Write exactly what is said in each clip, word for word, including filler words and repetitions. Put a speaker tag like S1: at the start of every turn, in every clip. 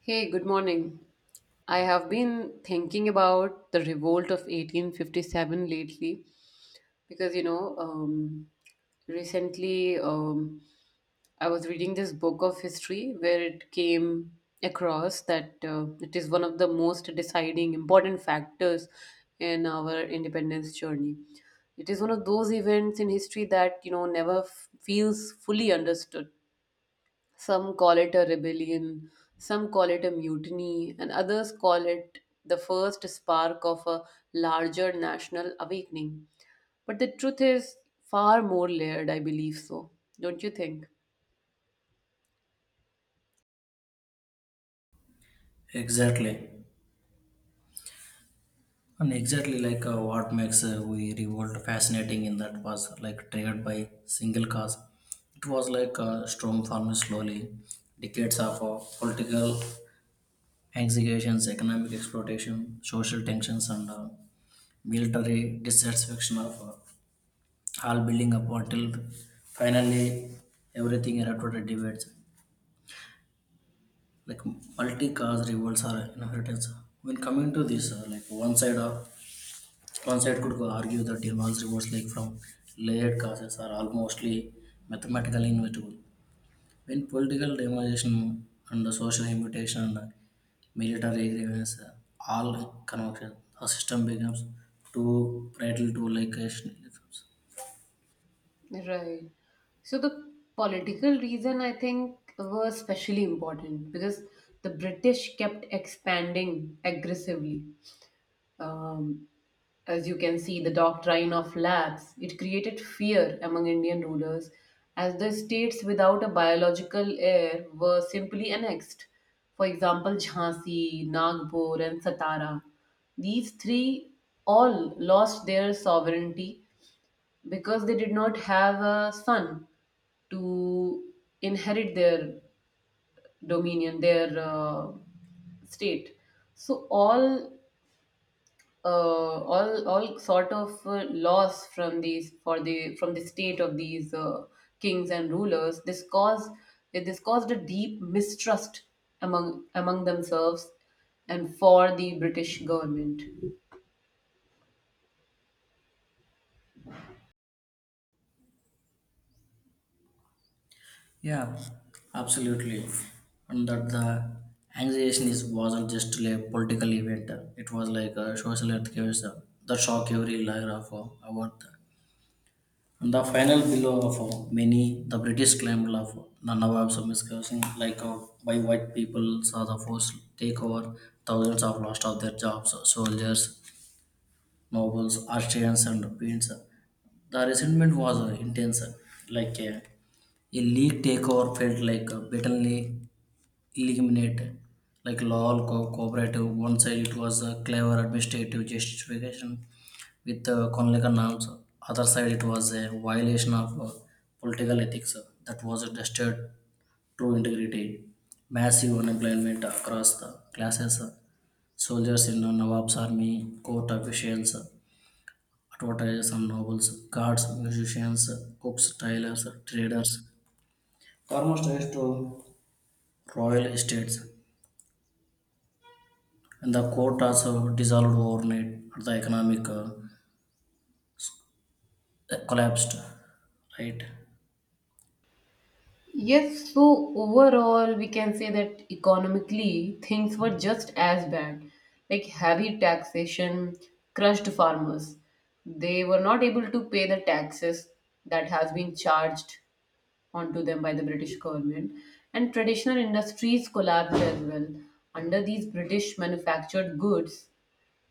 S1: Hey, good morning. I have been thinking about the revolt of eighteen fifty-seven lately because, you know, um, recently um, I was reading this book of history where it came across that uh, it is one of the most deciding important factors in our independence journey. It is one of those events in history that, you know, never f- feels fully understood, some call it a rebellion, some call it a mutiny, and others call it the first spark of a larger national awakening. But the truth is far more layered, I believe so. Don't you think?
S2: Exactly. And exactly like uh, what makes uh, we revolt fascinating in that was like triggered by single cause. It was like a storm forming slowly. Decades of uh, political executions, economic exploitation, social tensions, and uh, military dissatisfaction of uh, all building up until finally everything erupted in debates. Like multi-cause revolts are inheritance. When coming to this, uh, like one side of One side could argue that Demand's rewards like from layered causes are almostly mathematically inevitable. When political demonization and the social invitation and the military grievance uh, all converge, the system becomes too brittle to like rationalisms.
S1: Right. So the political reason I think was especially important because the British kept expanding aggressively. Um, As you can see, the doctrine of labs, it created fear among Indian rulers as the states without a biological heir were simply annexed. For example, Jhansi, Nagpur and Satara. These three all lost their sovereignty because they did not have a son to inherit their dominion, their uh, state. So all uh, all all sort of uh, loss from these for the from the state of these uh, kings and rulers, this caused this caused a deep mistrust among among themselves and for the british government.
S2: Yeah, absolutely. And that the annexation is wasn't just a political event; it was like a social earthquake that shocked every layer of uh, our. And the final blow of uh, many, the British claimed of the Nawab's miscarriage, like uh, by white people saw the forced takeover, thousands of lost of their jobs, soldiers, nobles, Austrians, and prince. The resentment was uh, intense, uh, like uh, a league takeover felt like uh, blatantly eliminated, like law co- cooperative. One side it was a clever administrative justification with uh, Konlekan norms. Other side, it was a violation of uh, political ethics uh, that was tested true integrity. Massive unemployment across the classes. uh, Soldiers in the Nawab's army, court officials, uh, advertisers and nobles, guards, musicians, uh, cooks, tailors, uh, traders. Almost raised to royal estates. And the court also dissolved overnight. The economic uh, collapsed, right?
S1: Yes, so overall, we can say that economically, things were just as bad. Like heavy taxation crushed farmers. They were not able to pay the taxes that has been charged onto them by the British government. And traditional industries collapsed as well. Under these British manufactured goods,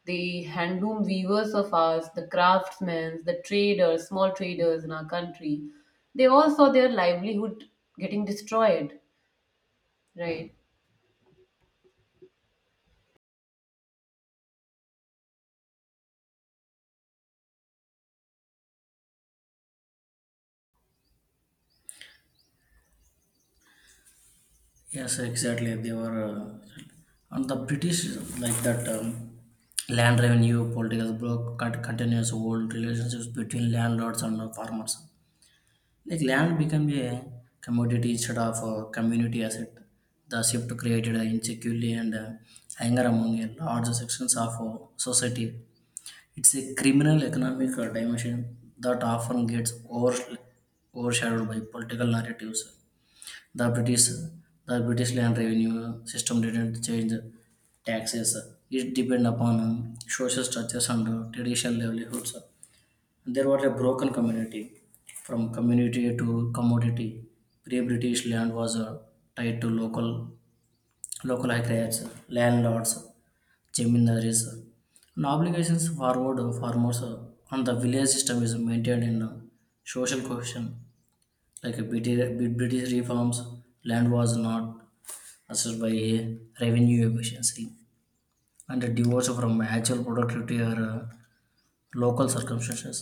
S1: the handloom weavers of ours, the craftsmen, the traders, small traders in our country, they all saw their livelihood getting destroyed, right?
S2: Yes, exactly. They were uh, and the British like that um, land revenue political broke cut continuous old relationships between landlords and uh, farmers. Like land became a commodity instead of a community asset. The shift created uh, insecurity and uh, anger among a large sections of uh, society. It's a criminal economic uh, dimension that often gets over, overshadowed by political narratives. the British the British land revenue system didn't change taxes. It depended upon um, social structures and uh, traditional livelihoods. There was a broken community from community to commodity. Pre-British land was uh, tied to local local acreage, landlords, jamineries, and obligations forward farmers. uh, And the village system is maintained in uh, social cohesion, like uh, British British reforms. Land was not assessed by revenue efficiency and a divorce from actual productivity or uh, local circumstances.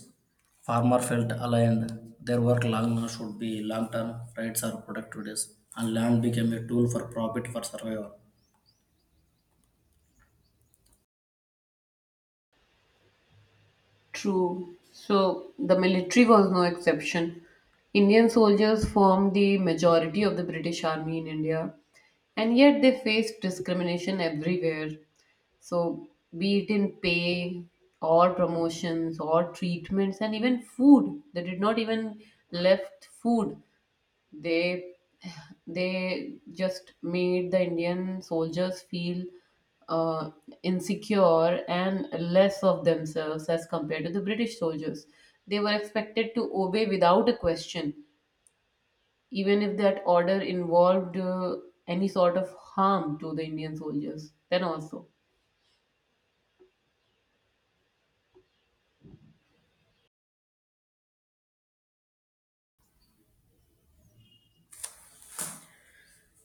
S2: Farmer felt aligned. Their work long should be long term rights or productivities, and land became a tool for profit for survival.
S1: True. So the military was no exception. Indian soldiers formed the majority of the British Army in India, and yet they faced discrimination everywhere. So, be it in pay or promotions or treatments and even food, they did not even left food. they they just made the Indian soldiers feel uh, insecure and less of themselves as compared to the British soldiers. They were expected to obey without a question, even if that order involved uh, any sort of harm to the Indian soldiers. Then also,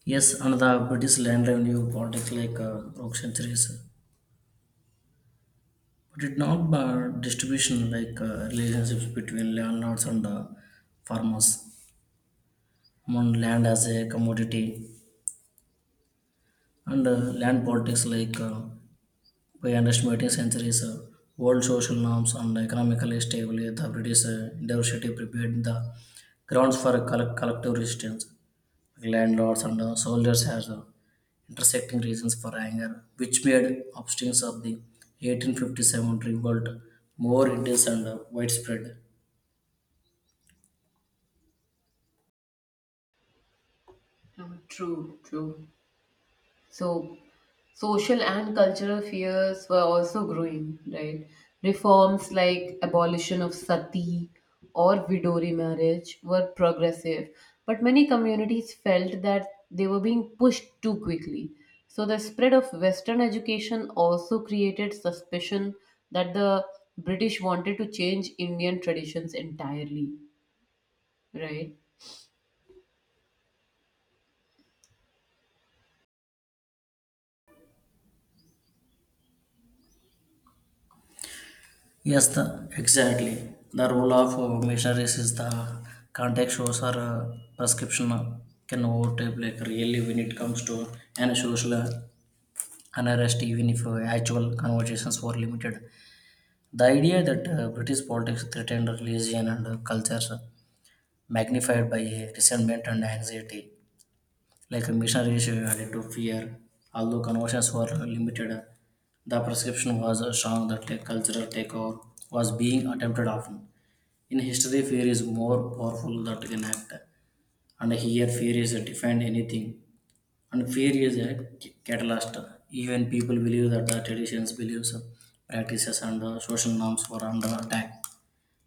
S2: Yes, and the British land revenue politics like uh, broke centuries, but it not uh, distribution like uh, relationships between landlords and uh, farmers. Among land as a commodity and uh, land politics like uh, by underestimating centuries uh, world social norms and economically stable, the British uh, diversity prepared the grounds for coll- collective resistance. Landlords and uh, soldiers had uh, intersecting reasons for anger, which made upstings of the eighteen fifty-seven revolt more intense and uh, widespread.
S1: Uh, True, true. So, social and cultural fears were also growing, right? Reforms like abolition of sati or widowry marriage were progressive, but many communities felt that they were being pushed too quickly. So, the spread of Western education also created suspicion that the British wanted to change Indian traditions entirely, right?
S2: Yes, the, exactly. The role of uh, missionaries is the context shows or uh, prescription uh, can overtake like really when it comes to any social uh, unrest even if uh, actual conversations were limited. The idea that uh, British politics threatened religion and uh, cultures uh, magnified by uh, resentment and anxiety, like a missionary issue added to fear. Although conversions were limited, the prescription was uh, strong that a cultural takeover was being attempted often. In history, fear is more powerful that can act, and here fear is a defined anything, and fear is a c- catalyst. Even people believe that the traditions, beliefs, practices, and uh, social norms were under attack.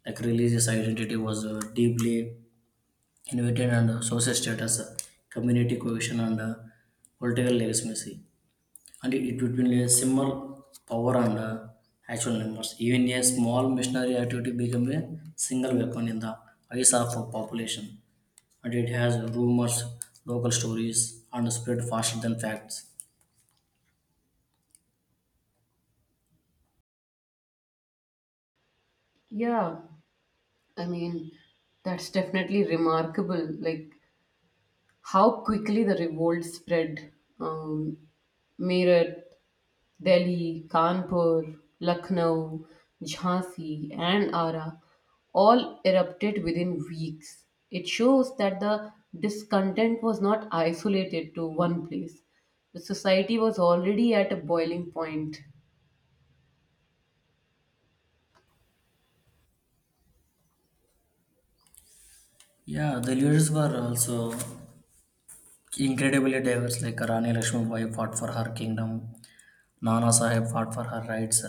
S2: Like religious identity was uh, deeply invented, and uh, social status, uh, community cohesion, and uh, political legitimacy and it between a simmer power and uh, actual numbers even a small missionary activity became a single weapon in the eyes of a population and it has rumors, local stories, and spread faster than facts.
S1: Yeah, I mean, that's definitely remarkable. Like, how quickly the revolt spread. Um, Meerut, Delhi, Kanpur, Lucknow, Jhansi, and Ara all erupted within weeks. It shows that the discontent was not isolated to one place. The society was already at a boiling point.
S2: Yeah, the leaders were also incredibly diverse. Like Rani Lakshmibai fought for her kingdom, Nana Sahib fought for her rights,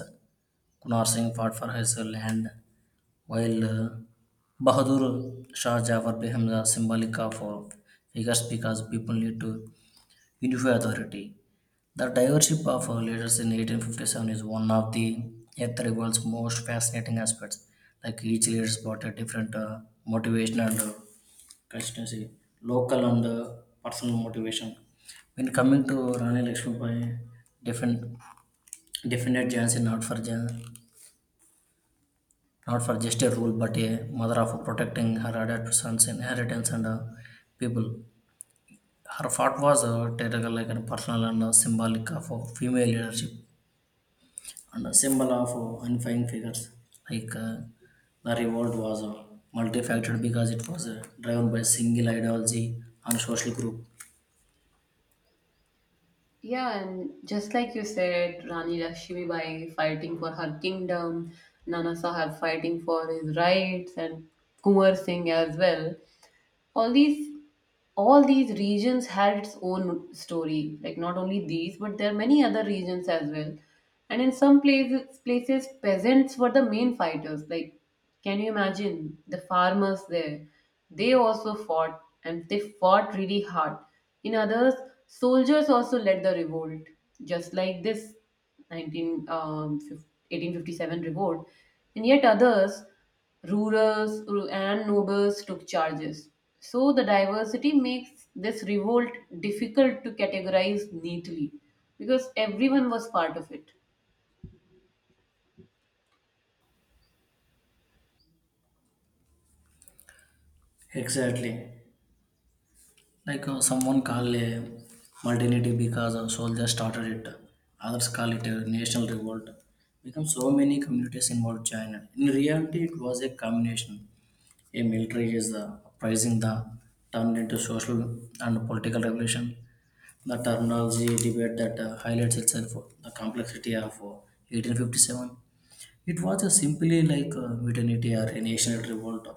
S2: Kunar Singh fought for his land, while uh, Bahadur Shah Jafar became the symbolic of uh, figures because people need to unify authority. The diversity of uh, leaders in eighteen fifty-seven is one of the Eighth Revolt's most fascinating aspects. Like each leader brought a different uh, motivation and uh, constituency, local and uh, personal motivation. When coming to Rani Lakshmibai, defend, defended Jhansi not for Jan, not for just a rule but a mother of protecting her adopted son's inheritance and uh, people. Her thought was uh, theatrical, like and personal and uh, symbolic of uh, female leadership and a symbol of uh, unifying figures like uh, the revolt was uh, multifaceted because it was uh, driven by single ideology and social group.
S1: Yeah, and just like you said, Rani Lakshmibai fighting for her kingdom, Nana Sahib fighting for his rights, and Kumar Singh as well. All these all these regions had its own story, like not only these but there are many other regions as well, and in some places places peasants were the main fighters, like can you imagine the farmers there, they also fought and they fought really hard. In others, soldiers also led the revolt, just like this 19 um, fif- eighteen fifty-seven revolt. And yet others, Rurals and nobles took charges. So the diversity makes this revolt difficult to categorize neatly because everyone was part of it.
S2: Exactly. Like uh, someone call a multinative because a soldier started it. Others call it a national revolt. Become so many communities involved China. In reality, it was a combination. A military is the uprising the turned into social and political revolution. The terminology debate that uh, highlights itself uh, the complexity of uh, eighteen fifty-seven, it was a simply like a mutiny or a national revolt.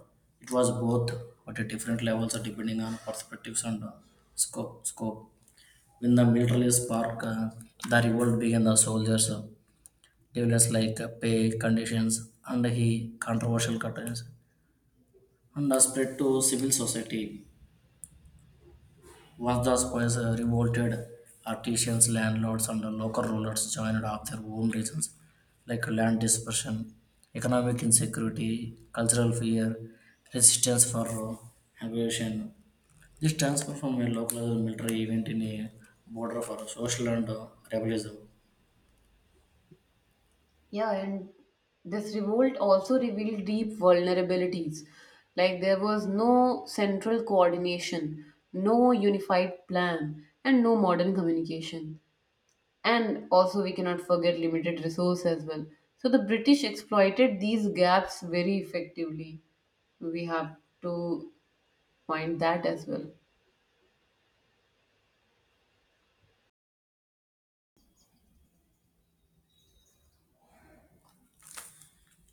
S2: It was both, but at different levels depending on perspectives and uh, scope. scope. When the military spark, uh, the revolt began. The soldiers uh, developed like uh, pay conditions and he controversial cuttings and uh, spread to civil society. Once the spies uh, revolted, artisans, landlords, and the local rulers joined up their home regions, like land dispersion, economic insecurity, cultural fear, resistance for uh, aggression. This transfer from a local military event in a border for social and uh, rebellism.
S1: Yeah, and this revolt also revealed deep vulnerabilities. Like there was no central coordination, no unified plan, and no modern communication. And also, we cannot forget limited resources as well. So the British exploited these gaps very effectively. We have to point that as well.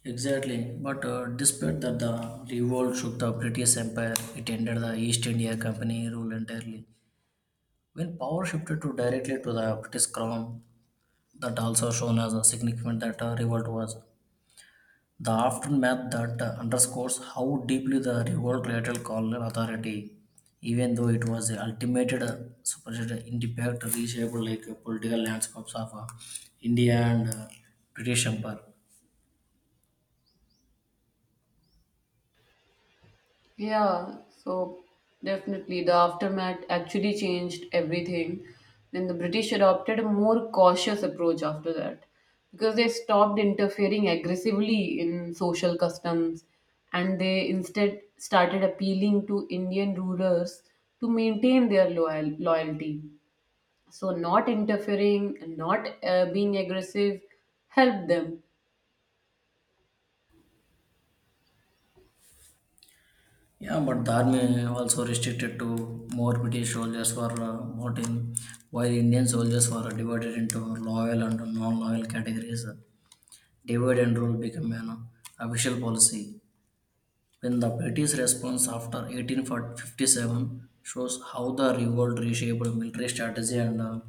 S2: Exactly, but uh, despite that the revolt shook the British Empire, it ended the East India Company rule entirely. When power shifted to directly to the British Crown, that also shown as a significant that uh, revolt was. The aftermath that uh, underscores how deeply the revolt related colonial authority, even though it was the ultimate uh, supposed uh, impact reshaped like uh, political landscapes of uh, India and uh, British Empire.
S1: Yeah, so definitely the aftermath actually changed everything. Then the British adopted a more cautious approach after that because they stopped interfering aggressively in social customs and they instead started appealing to Indian rulers to maintain their loyal- loyalty. So, not interfering, not uh, being aggressive helped them.
S2: Yeah, but the army also restricted to more British soldiers for uh, voting, while Indian soldiers were divided into loyal and non-loyal categories. Divide and rule became an official policy. When the British response after eighteen fifty-seven shows how the revolt reshaped military strategy and uh,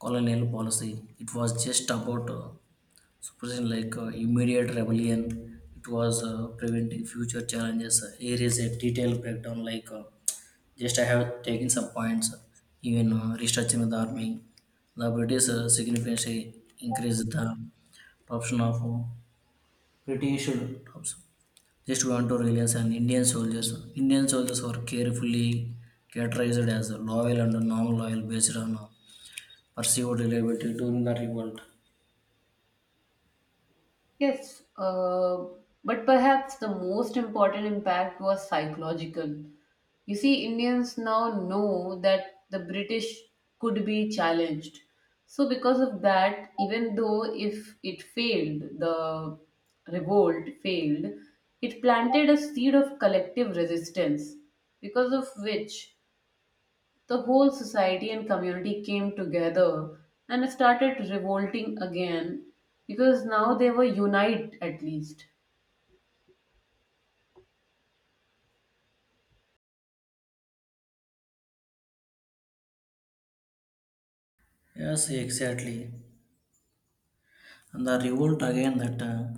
S2: colonial policy, it was just about uh, suppressing like uh, immediate rebellion. It was uh, preventing future challenges. Here is a detailed breakdown. Like uh, just I have taken some points. Even uh, restructuring the army, the British uh, significantly increased the option of uh, British troops just want to release an Indian soldiers. Indian soldiers were carefully categorized as loyal and non-loyal based on perceived reliability during the revolt.
S1: Yes, uh, but perhaps the most important impact was psychological. You see, Indians now know that the British could be challenged. So, because of that, even though if it failed, the revolt failed, it planted a seed of collective resistance, because of which the whole society and community came together and started revolting again because now they were united at least.
S2: Yes, exactly. And the revolt again that uh,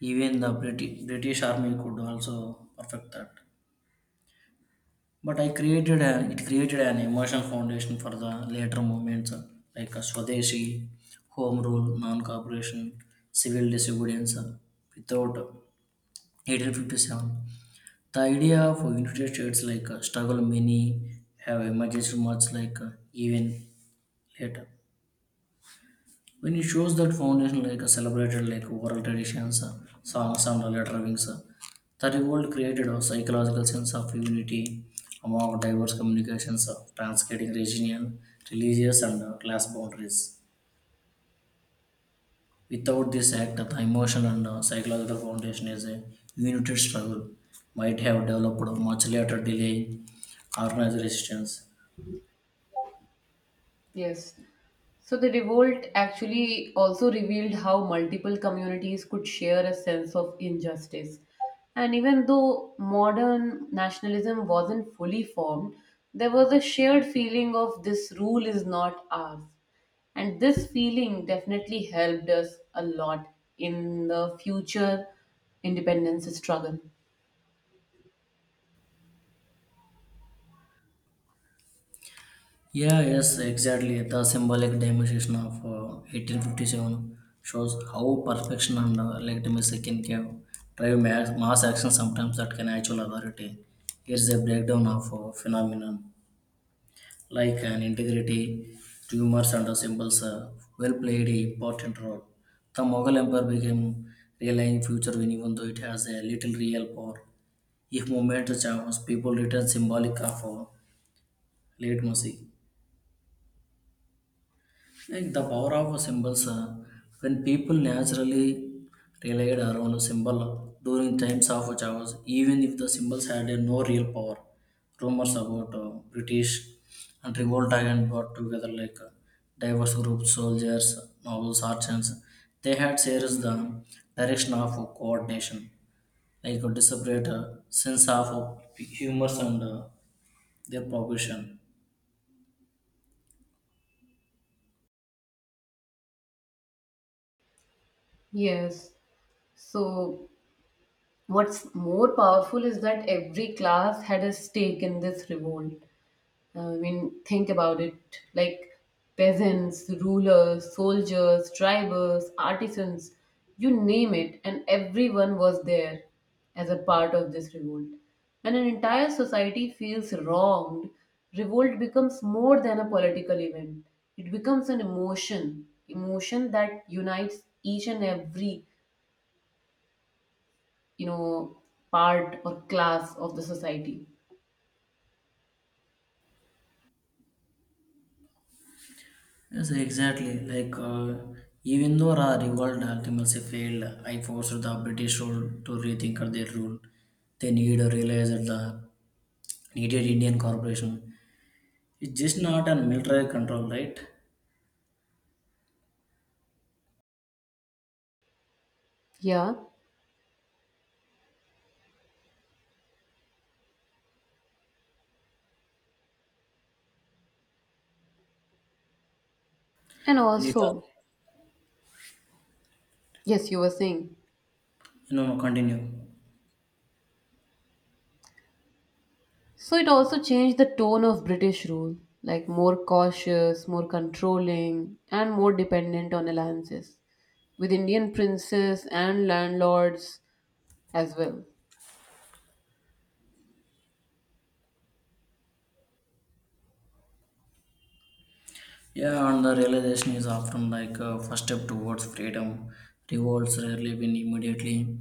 S2: even the British, British army could also perfect that. But I created an it created an emotional foundation for the later movements uh, like uh, Swadeshi, Home Rule, Non-Cooperation, Civil Disobedience uh, without eighteen fifty-seven. The idea of United States like a struggle many have emerged much like uh, even later. When it shows that foundation like a celebrated like oral traditions, uh, songs and later wings, uh, the revolt created a psychological sense of unity among diverse communications, uh, transcending regional, religious and uh, class boundaries. Without this act, the emotion and uh, psychological foundation is a united struggle might have developed much later delay organized resistance.
S1: Yes. So the revolt actually also revealed how multiple communities could share a sense of injustice. And even though modern nationalism wasn't fully formed, there was a shared feeling of this rule is not ours. And this feeling definitely helped us a lot in the future independence struggle.
S2: Yeah, yes, exactly. The symbolic demonstration of uh, eighteen fifty-seven shows how perfection and uh, legitimacy can give, drive mass, mass action sometimes that can actual authority. Here's a breakdown of uh, phenomenon like an integrity, tumors and uh, symbols uh, well played an important role. The Mughal Empire became relying future when even though it has a little real power. If movement charms, people return symbolic of uh, legitimacy. Like the power of symbols, uh, when people naturally relied around a symbol uh, during times of chaos, even if the symbols had uh, no real power, rumors about uh, British and revolt again brought together like uh, diverse groups, soldiers, nobles, artisans. They had shares the direction of coordination, like a disparate uh, sense of uh, humors and uh, their progression.
S1: Yes. So what's more powerful is that every class had a stake in this revolt. Uh, I mean, think about it, like peasants, rulers, soldiers, drivers, artisans, you name it, and everyone was there as a part of this revolt. When an entire society feels wronged, revolt becomes more than a political event. It becomes an emotion, emotion that unites each and every, you know, part or class of the society.
S2: Yes, exactly. Like, uh, even though Ra revolt ultimately failed, I forced the British rule to rethink their rule. They need to realize that the needed Indian corporation is just not a military control, right?
S1: Yeah, and
S2: And it, uh,
S1: also, yes, you were saying.
S2: you know, continue.
S1: So it also changed the tone of British rule, like more cautious, more controlling, and more dependent on alliances with Indian princes and landlords as well.
S2: Yeah, and the realization is often like a first step towards freedom. Revolts rarely win immediately,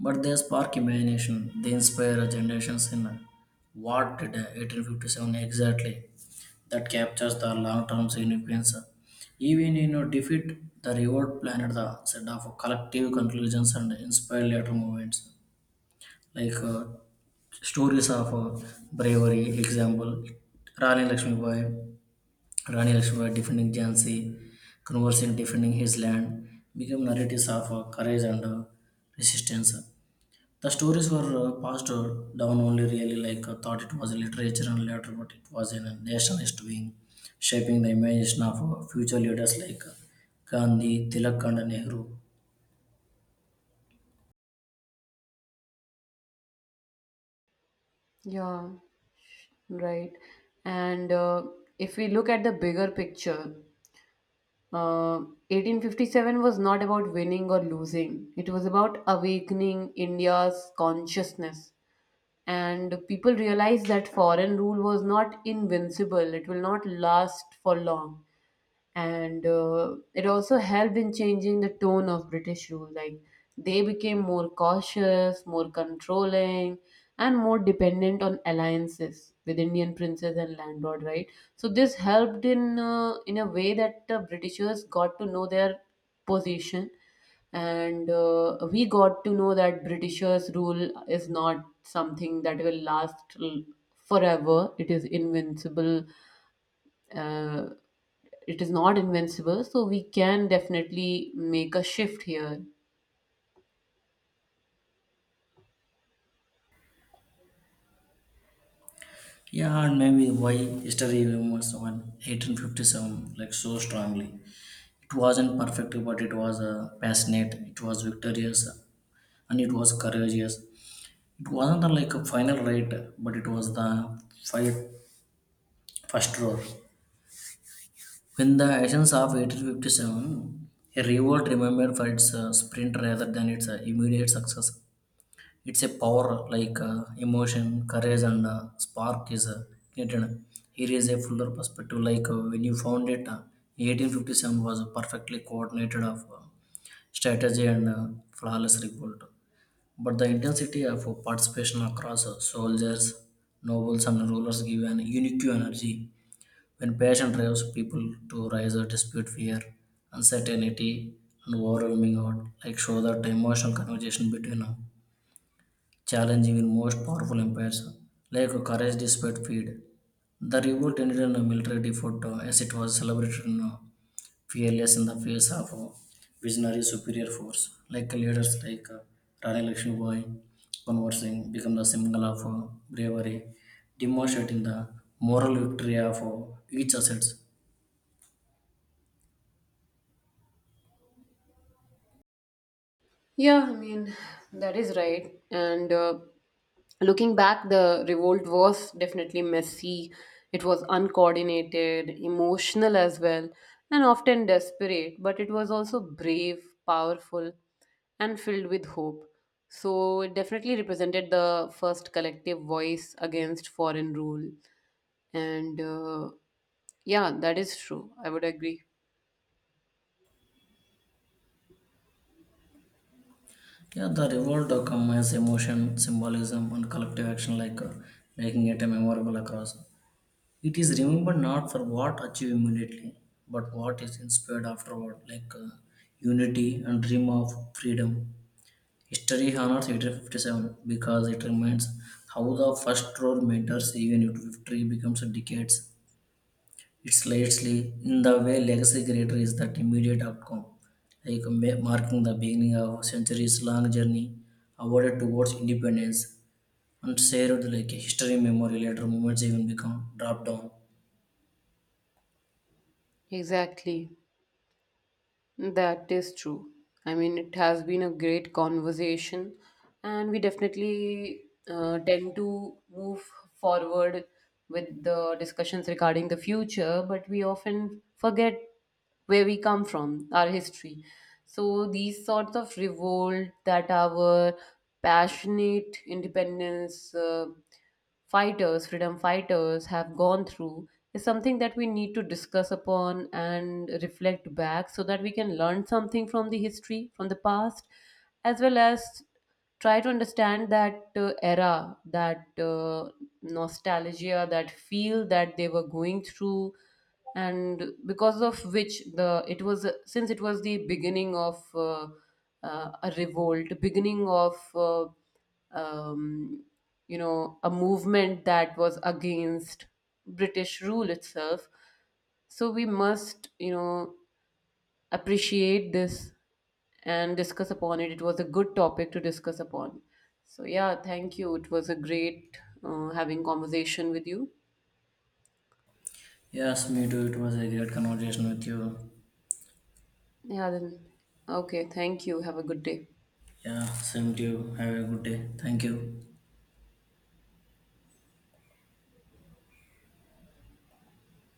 S2: but they spark imagination. They inspire generations in what did eighteen fifty-seven exactly that captures the long-term significance. Even in a defeat, the reward planted the set of collective conclusions and inspired later movements, like uh, stories of uh, bravery. Example: Rani Lakshmibai, Rani Lakshmibai defending Jhansi, Conversing defending his land, become narratives of uh, courage and uh, resistance. The stories were uh, passed uh, down only really like uh, thought it was literature and later, but it was in a nationalist wing shaping the imagination of uh, future leaders like uh, Gandhi, Tilak, and Nehru.
S1: Yeah, right. And uh, if we look at the bigger picture, Uh, eighteen fifty-seven was not about winning or losing. It was about awakening India's consciousness. And people realized that foreign rule was not invincible, it will not last for long, and uh, it also helped in changing the tone of British rule. Like they became more cautious, more controlling, and more dependent on alliances with Indian princes and landlord. Right, so this helped in uh, in a way that the Britishers got to know their position, and uh, we got to know that Britishers rule is not something that will last l- forever. It is invincible, uh, it is not invincible, so we can definitely make a shift here.
S2: Yeah, and maybe why history remembers when eighteen fifty-seven like so strongly. It wasn't perfect, but it was uh, passionate. It was victorious, and it was courageous. It wasn't uh, like a final right, but it was the fight first roar. When the actions of eighteen fifty-seven, a revolt remembered for its uh, sprint rather than its uh, immediate success. It's a power like uh, emotion, courage, and uh, spark is uh, needed. Here is a fuller perspective. Like uh, when you found it, uh, eighteen fifty-seven was a perfectly coordinated of uh, strategy and uh, flawless revolt. But the intensity of uh, participation across uh, soldiers, nobles, and rulers give an unique energy when passion drives people to rise or dispute fear, uncertainty, and overwhelming out like show that emotional conversation between them, challenging in most powerful empires, like courage despite fear. The revolt ended in a military defeat uh, as it was celebrated in uh, fearless in the face of uh, visionary superior force, like leaders like uh, Rani Lakshmibai conversing become the symbol of uh, bravery, demonstrating the moral victory of uh, each asset.
S1: Yeah, I mean, that is right. And uh, looking back, the revolt was definitely messy. It was uncoordinated, emotional as well, and often desperate, but it was also brave, powerful, and filled with hope. So it definitely represented the first collective voice against foreign rule. And uh, yeah, that is true. I would agree.
S2: Yeah, the revolt uh, combines emotion, symbolism, and collective action, like uh, making it a memorable across. It is remembered not for what achieved immediately, but what is inspired afterward, like uh, unity and dream of freedom. History honors eighteen fifty-seven because it reminds how the first role matters even if victory becomes decades it's lately in the way legacy creator is that immediate outcome, like ma- marking the beginning of a centuries-long journey awarded towards independence and shared like history, memory, later moments even become dropped down.
S1: Exactly. That is true. I mean, it has been a great conversation, and we definitely uh, tend to move forward with the discussions regarding the future, but we often forget where we come from, our history. So, these sorts of revolt that our passionate independence. Uh, fighters, freedom fighters have gone through is something that we need to discuss upon and reflect back so that we can learn something from the history, from the past, as well as try to understand that uh, era, that uh, nostalgia, that feel that they were going through and because of which the it was since it was the beginning of uh, uh, a revolt, beginning of uh, um, you know, a movement that was against British rule itself. So we must, you know, appreciate this and discuss upon it. It was a good topic to discuss upon. So yeah, thank you. It was a great uh, having conversation with you.
S2: Yes, me too. It was a great conversation with you.
S1: Yeah, then okay. Thank you. Have a good day.
S2: Yeah, same to you. Have a good day. Thank you.